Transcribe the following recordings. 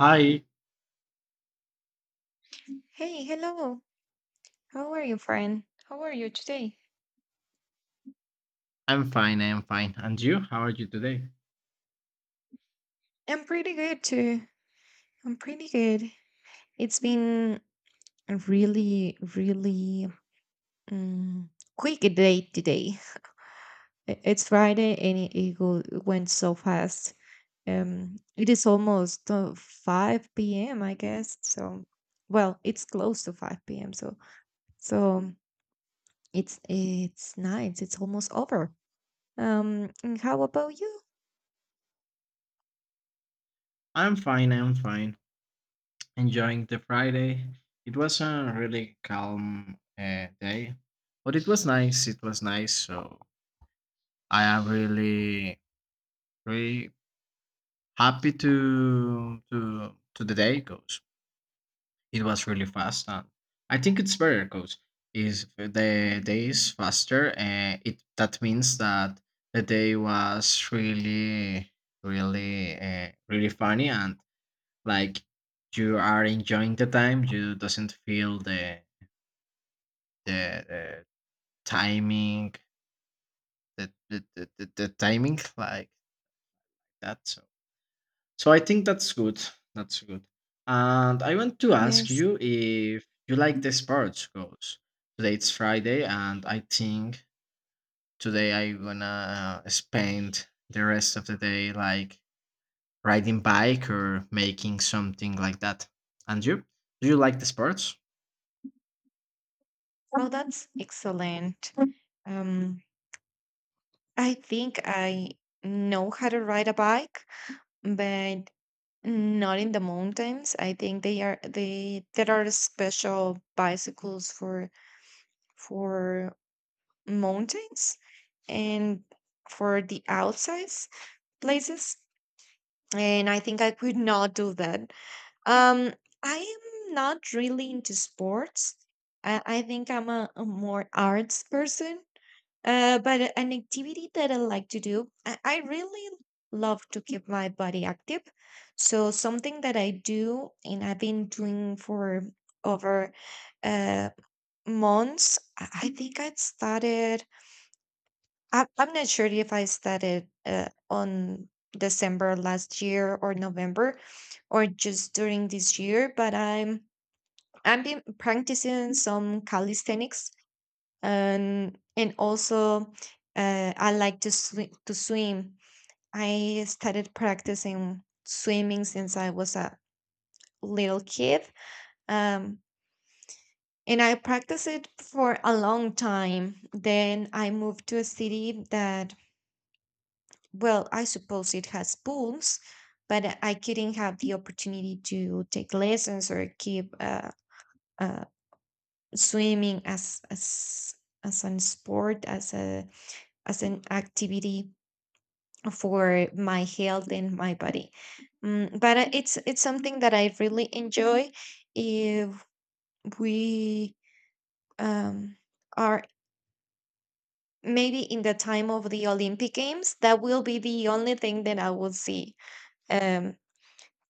Hi, Hey, hello. How are you, friend? How are you today? I'm fine, I'm fine. And you? How are you today? I'm pretty good too. I'm pretty good. It's been a really, really um, quick day today. It's Friday and it went so fast. It is almost 5 p.m. I guess. So, well, it's close to 5 p.m. So, it's nice. It's almost over. And how about you? I'm fine, I'm fine. Enjoying the Friday. It was a really calm day, but it was nice. It was nice. So I am really, really happy to the day goes. It was really fast, and I think it's better because Is the day is faster, and it that means that the day was really, really funny, and like you are enjoying the time. You doesn't feel the timing, the timing like that. So. So I think that's good. That's good. And I want to ask Yes. you if you like the sports goals. Today it's Friday, and I think today I wanna spend the rest of the day like riding bike or making something like that. And you? Do you like the sports? Oh, that's excellent. Um, I think I know how to ride a bike, but not in the mountains. I think they are they there are special bicycles for for mountains, and for the outside places. And I think I could not do that. um I am not really into sports. I think I'm a more arts person. But an activity that I like to do, I really love to keep my body active. So something that I do and I've been doing for over uh months, I think I started. I'm not sure if I started on December last year or November, or just during this year, but I've been practicing some calisthenics. And also, I like to to swim. I started practicing swimming since I was a little kid. Um, and I practiced it for a long time. Then I moved to a city that— Well, I suppose it has pools, but I couldn't have the opportunity to take lessons or keep uh, swimming as an sport as an activity for my health and my body. But it's something that I really enjoy if we um, are, maybe in the time of the Olympic Games. That will be the only thing that I will see. Um,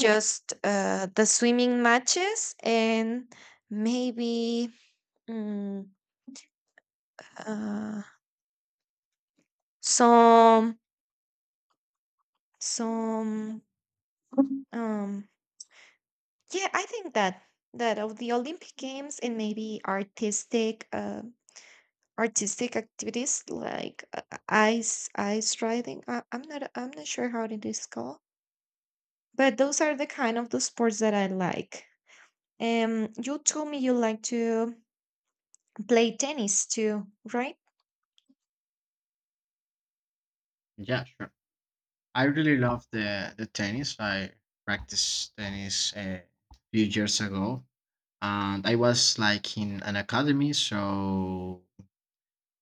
Just the swimming matches, and maybe mm, uh, some some um yeah, I think that— that of the Olympic Games, and maybe artistic artistic activities like ice riding. I'm not sure how it is called, but those are the kind of the sports that I like. You told me you like to play tennis too, right? Yeah, sure. I really love the tennis. I practiced tennis a few years ago, and I was like in an academy, so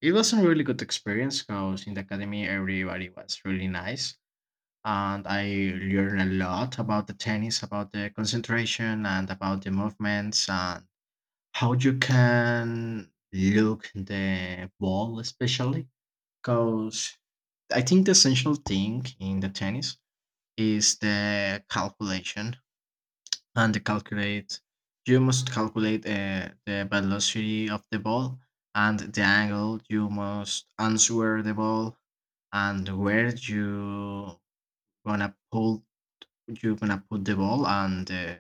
it was a really good experience because in the academy everybody was really nice and I learned a lot about the tennis, about the concentration and about the movements and how you can look the ball especially because I think the essential thing in the tennis is the calculation and calculate. You must calculate the velocity of the ball and the angle. You must answer the ball and where you gonna pull. You gonna put the ball and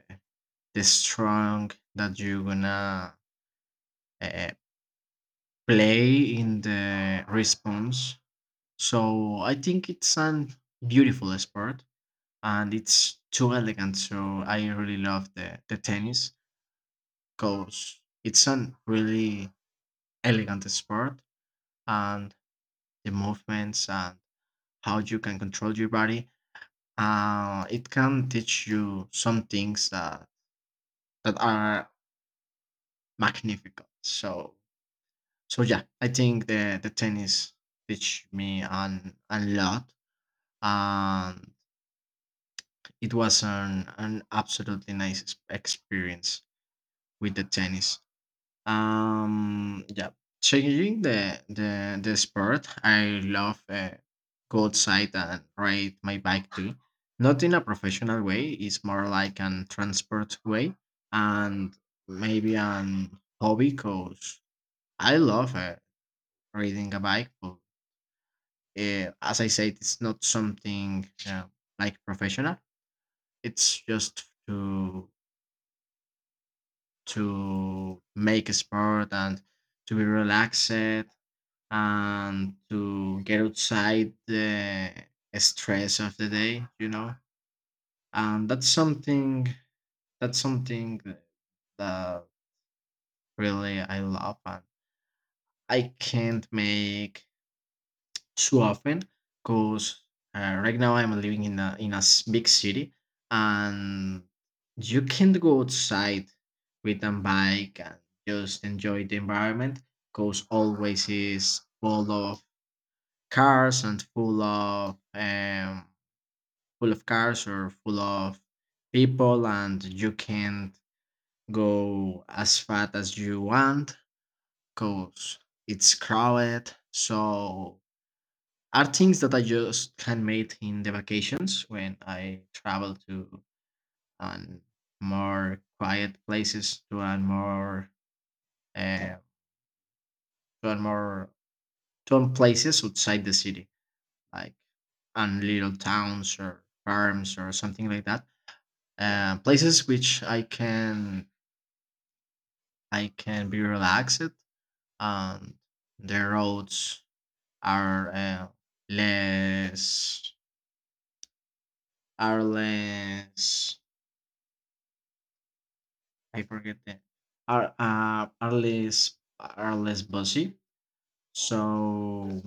the strong that you gonna uh, play in the response. So I think it's an beautiful sport and it's too elegant. So I really love the tennis. Because it's a really elegant sport and the movements and how you can control your body. It can teach you some things that are magnificent. So so yeah, I think the tennis teach me an a lot and it was an absolutely nice experience with the tennis. Yeah, changing the sport. I love go outside and ride my bike too. Not in a professional way. It's more like an transport way and maybe an hobby. Cause I love riding a bike, but as I said, it's not something like professional. It's just to make a sport and to be relaxed and to get outside the stress of the day and that's something that really I love and I can't make too often because right now I'm living in a big city and you can't go outside with a bike and just enjoy the environment because always is full of cars and full of cars or full of people and you can't go as fast as you want because it's crowded. So are things that I just can make in the vacations when I travel to um, more quiet places to a more to a more to a places outside the city like and little towns or farms or something like that. Places which I can be relaxed and the roads are less are less. I forget that are uh, are less are less busy. So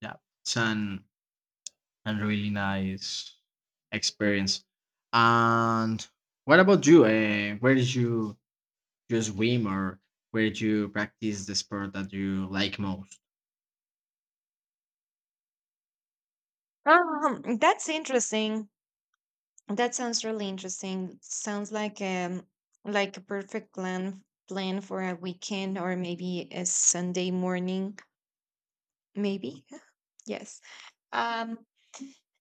yeah, it's an a really nice experience. And what about you? Where did you you swim or where did you practice the sport that you like most? That's interesting. That sounds really interesting. Sounds like a perfect plan for a weekend or maybe a Sunday morning, maybe. Yes. Um,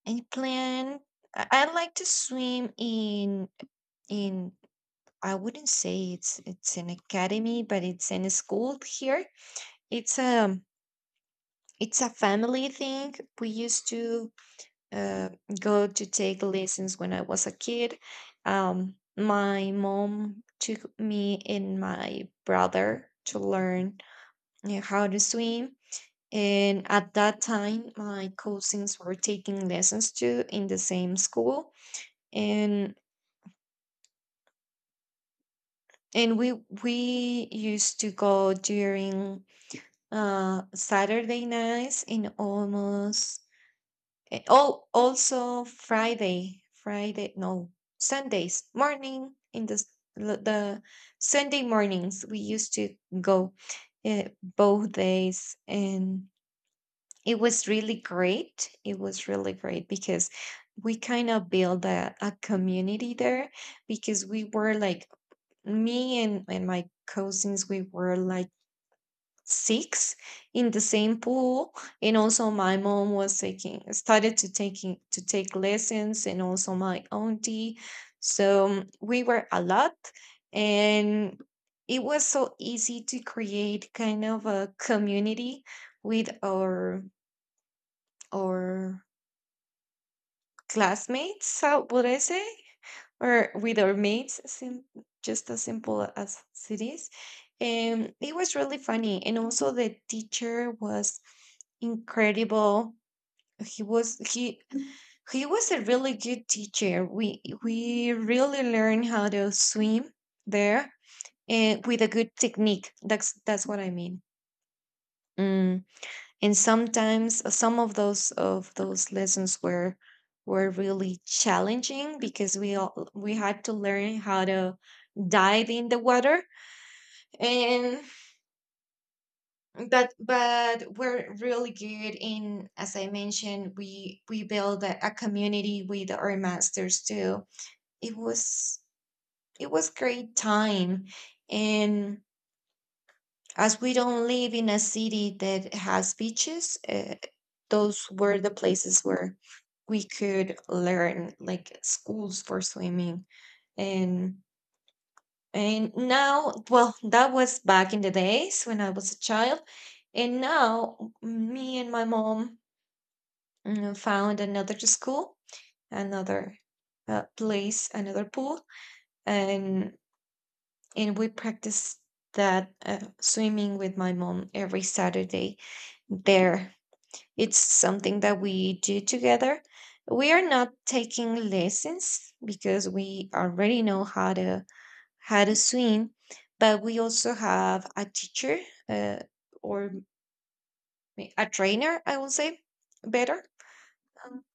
and plan I like to swim in in I wouldn't say it's an academy, but it's in a school here. It's um it's a family thing. We used to uh, go to take lessons when I was a kid. My mom took me and my brother to learn how to swim. And at that time, my cousins were taking lessons too in the same school. And and we used to go during Saturday nights and almost— And oh, also Friday— Friday, no, Sundays morning— in the l- the Sunday mornings we used to go both days, and it was really great. It was really great because we kind of built a community there, because we were like— me and my cousins, we were like six in the same pool. And also my mom was taking started to taking to take lessons, and also my auntie. So we were a lot, and it was so easy to create kind of a community with our our classmates, how would I say? Or with our mates, just as simple as it is. And it was really funny. And also the teacher was incredible. He was he he was a really good teacher. We really learned how to swim there, and with a good technique. That's what I mean. Mm and sometimes some of those lessons were really challenging, because we all— we had to learn how to dive in the water. And but but we're really good in, as I mentioned, we build a community with our masters too. It was great time. And as we don't live in a city that has beaches, those were the places where we could learn, like, schools for swimming. And and now, well, that was back in the days when I was a child. And now me and my mom found another school, another place, another pool. And and we practice that swimming with my mom every Saturday there. It's something that we do together. We are not taking lessons because we already know how to swim, but we also have a teacher, uh, or a trainer, I will say, better. Um,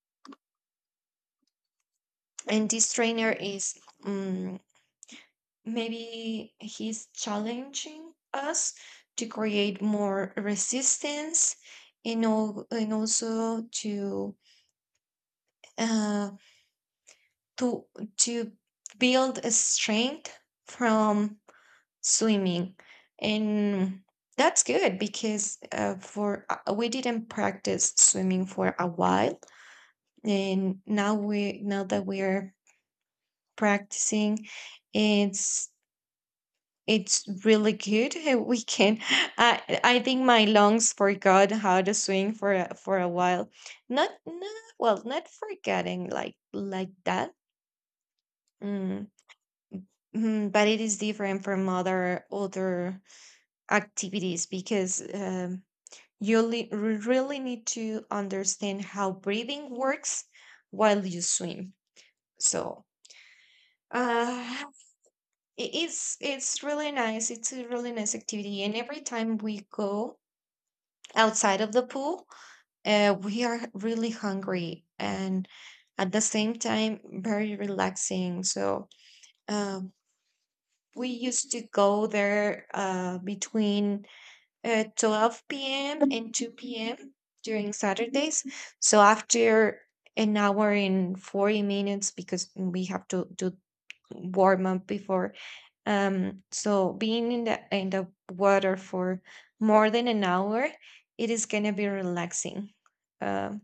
and this trainer is um, maybe he's challenging us to create more resistance, and also to uh, to to build a strength from swimming. And that's good, because for we didn't practice swimming for a while. And now that we're practicing, it's it's really good. we can I think my lungs forgot how to swim for a while. Not forgetting like that, mm, mhm, but it is different from other activities because really need to understand how breathing works while you swim. So uh, i- it's really nice. It's a really nice activity, and every time we go outside of the pool, we are really hungry and at the same time very relaxing. So um, we used to go there between at 12 p.m. and 2 p.m. during Saturdays. So after an hour and 40 minutes, because we have to do warm up before. So being in the water for more than an hour, it is gonna be relaxing. Um,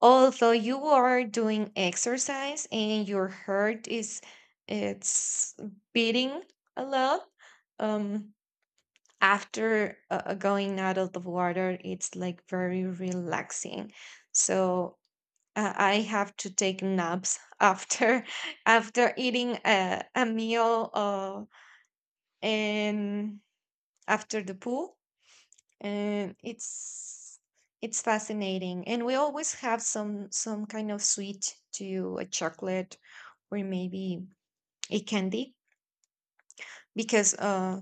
although you are doing exercise and your heart is it's beating a lot, um, after going out of the water, it's like very relaxing. So I have to take naps after after eating a meal and after the pool. And it's fascinating. And we always have some kind of sweet, to a chocolate, or maybe a candy, because uh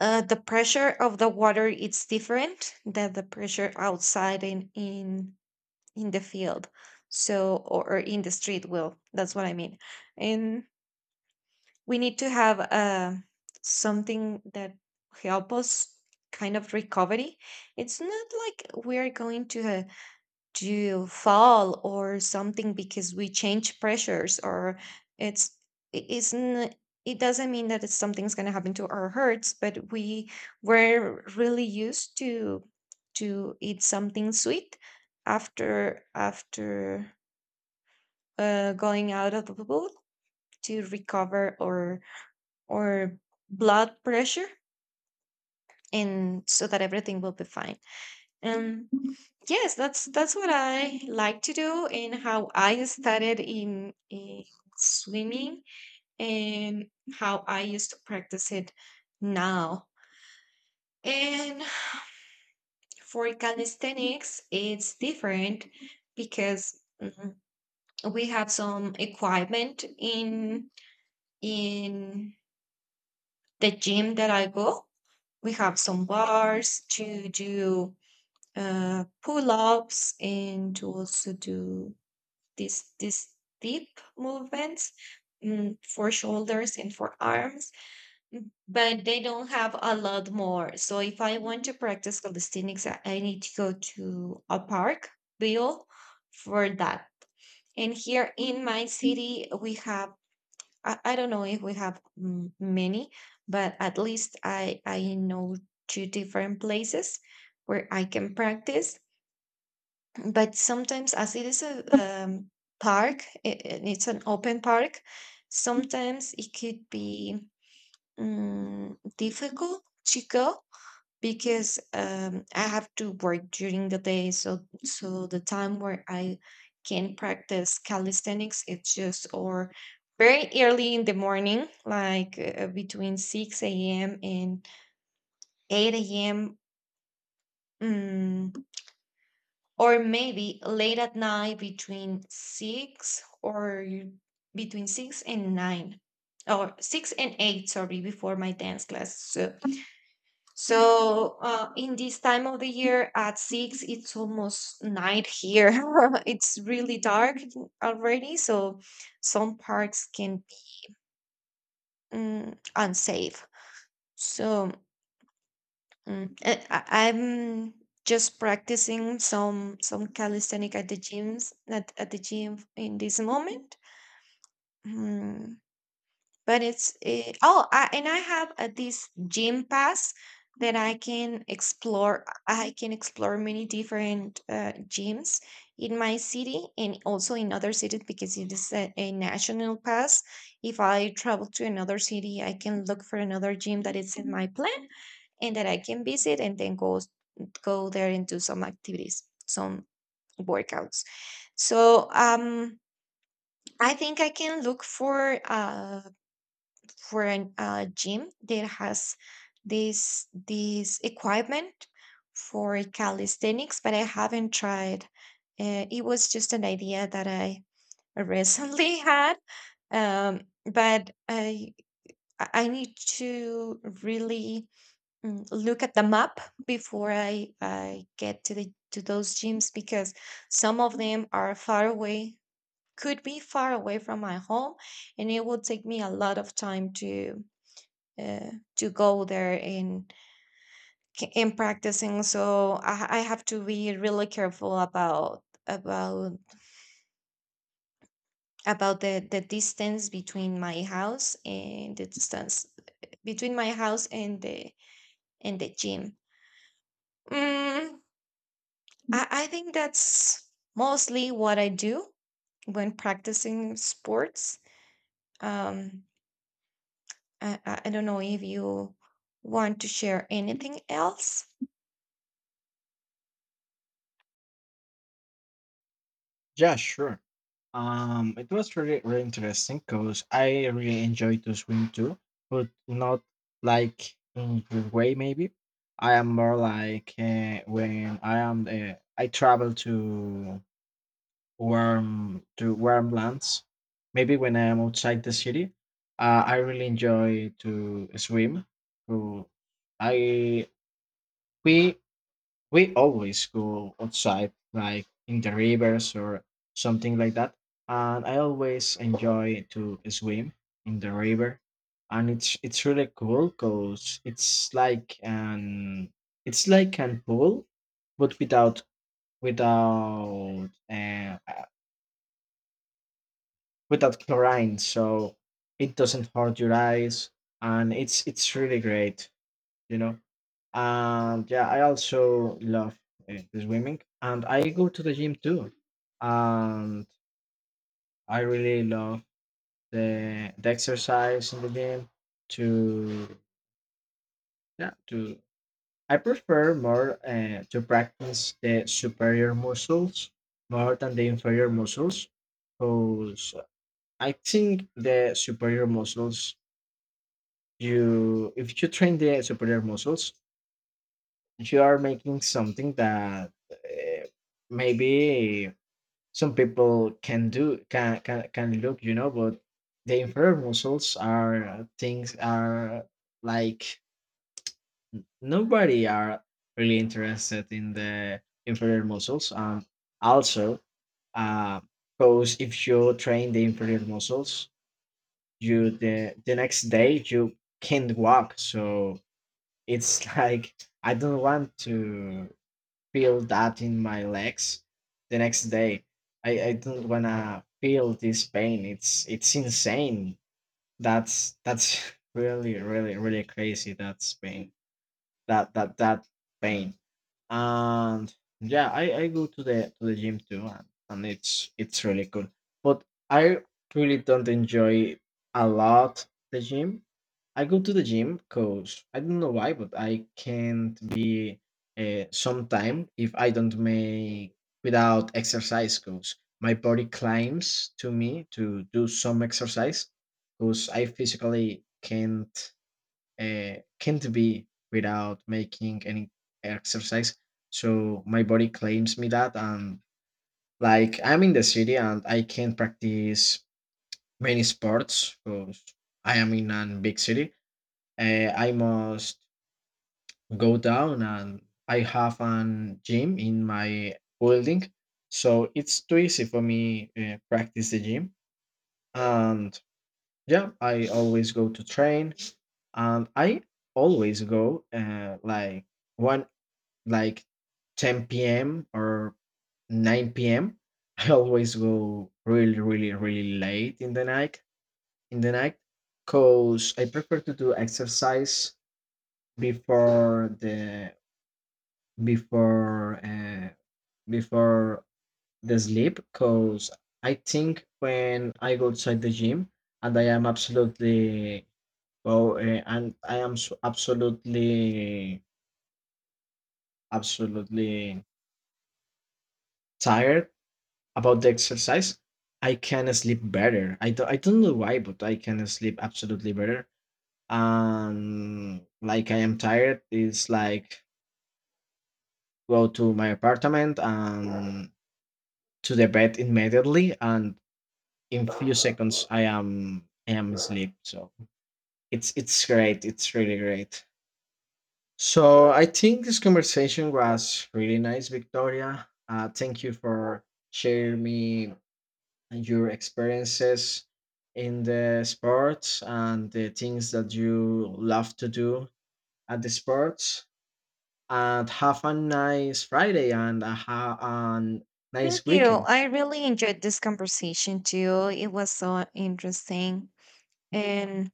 Uh, the pressure of the water, it's different than the pressure outside, in the field, so— or in the street, will that's what I mean. And we need to have something that help us kind of recovery. It's not like we're going to do— you fall or something because we change pressures, or it's— it isn't— it doesn't mean that it's something's going to happen to our hearts, but we were really used to eat something sweet after going out of the pool, to recover or— or blood pressure, and so that everything will be fine. Um, yes, that's what I like to do and how I started in swimming, and how I used to practice it now. And for calisthenics, it's different, because we have some equipment in in the gym that I go. We have some bars to do pull-ups, and to also do these deep movements, for shoulders and for arms, but they don't have a lot more. So if I want to practice calisthenics, I need to go to a park, Bill, for that. And here in my city, we have— I don't know if we have many, but at least I know two different places where I can practice. But sometimes, as it is a park, it's an open park, sometimes it could be difficult to go, because I have to work during the day. So the time where I can practice calisthenics, it's just— or very early in the morning like between 6 a.m and 8 a.m, or maybe late at night between 6— or between 6 and 9, or 6 and 8, sorry, before my dance class. So, in this time of the year at 6, it's almost night here. It's really dark already, so some parts can be unsafe. So I'm just practicing some calisthenic at the gyms, at the gym, in this moment. Mm, but it's I have this gym pass that I can explore. I can explore many different gyms in my city, and also in other cities, because it is a national pass. If I travel to another city, I can look for another gym that is in my plan, and that I can visit and then go— go there and do some activities, some workouts. So I think I can look for an gym that has this equipment for calisthenics, but I haven't tried. It was just an idea that I recently had, but I need to really look at the map before I get to the to those gyms, because some of them are far away, could be far away from my home. And it will take me a lot of time uh, to go there and in practicing. So I have to be really careful about the distance between my house and the distance between my house and the gym. Mm, I think that's mostly what I do when practicing sports. Um, I don't know if you want to share anything else. Yeah, sure. It was really, really interesting because I really enjoyed to swim too, but not like in your way maybe. I am more like when I am I travel to warm lands. Maybe when I am outside the city, I really enjoy to swim. So I we we always go outside, like in the rivers or something like that. And I always enjoy to swim in the river, and it's really cool because it's like an pool, but without without chlorine, so it doesn't hurt your eyes, and it's really great, you know. And yeah, I also love the swimming, and I go to the gym too. And I really love the exercise in the gym. To yeah, to I prefer more to practice the superior muscles more than the inferior muscles, because I think the superior muscles you if you train the superior muscles, you are making something that. Maybe some people can do can look you know but the inferior muscles are things are like nobody are really interested in the inferior muscles and also uh because if you train the inferior muscles you the next day you can't walk so it's like I don't want to feel that in my legs the next day. I don't wanna feel this pain. It's insane. That's really really really crazy. That's pain. That pain. And yeah, I go to the gym too, and it's really cool. But I really don't enjoy a lot the gym. I go to the gym because I don't know why, but I can't be sometime if I don't make without exercise because my body claims to me to do some exercise because I physically can't be without making any exercise. So my body claims me that, and like I'm in the city and I can't practice many sports because I am in a big city. I must go down and I have an gym in my building, so it's too easy for me practice the gym and yeah, I always go to train and I always go like one like 10 p.m. or 9 p.m. I always go really really really late in the night cause I prefer to do exercise before the before uh, before the sleep cause I think when I go outside the gym and I am absolutely Oh, and I am absolutely, absolutely tired about the exercise. I can sleep better. I don't know why, but I can sleep absolutely better. And like I am tired, it's like go to my apartment and to the bed immediately, and in few seconds I am asleep. So it's great. It's really great. So I think this conversation was really nice, Victoria. Thank you for sharing me your experiences in the sports and the things that you love to do at the sports. And have a nice Friday and a Thank nice you. weekend. I really enjoyed this conversation too. It was so interesting. And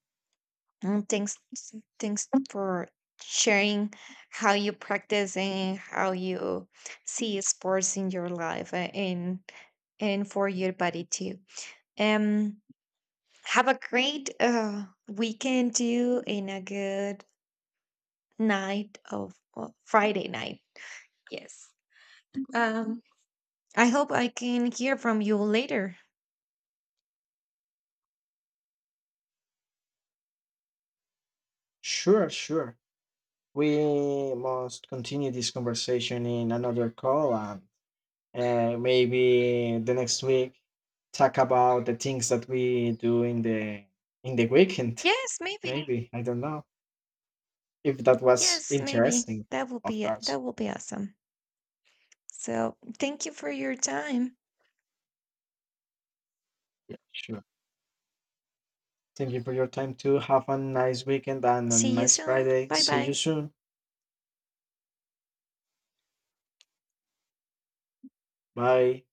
um, thanks thanks for sharing how you practice and how you see sports in your life, and for your body too. Um Have a great weekend too, and a good night of— well, Friday night. Yes. Um, I hope I can hear from you later. Sure, sure. We must continue this conversation in another call and uh, maybe the next week talk about the things that we do in the weekend Yes, maybe. maybe I don't know if that was Yes, maybe. interesting. That will Of be it. course. That will be awesome. So thank you for your time. Yeah, sure. Thank you for your time too. Have a nice weekend and a See you nice soon. Friday. Bye See you bye. soon. Bye.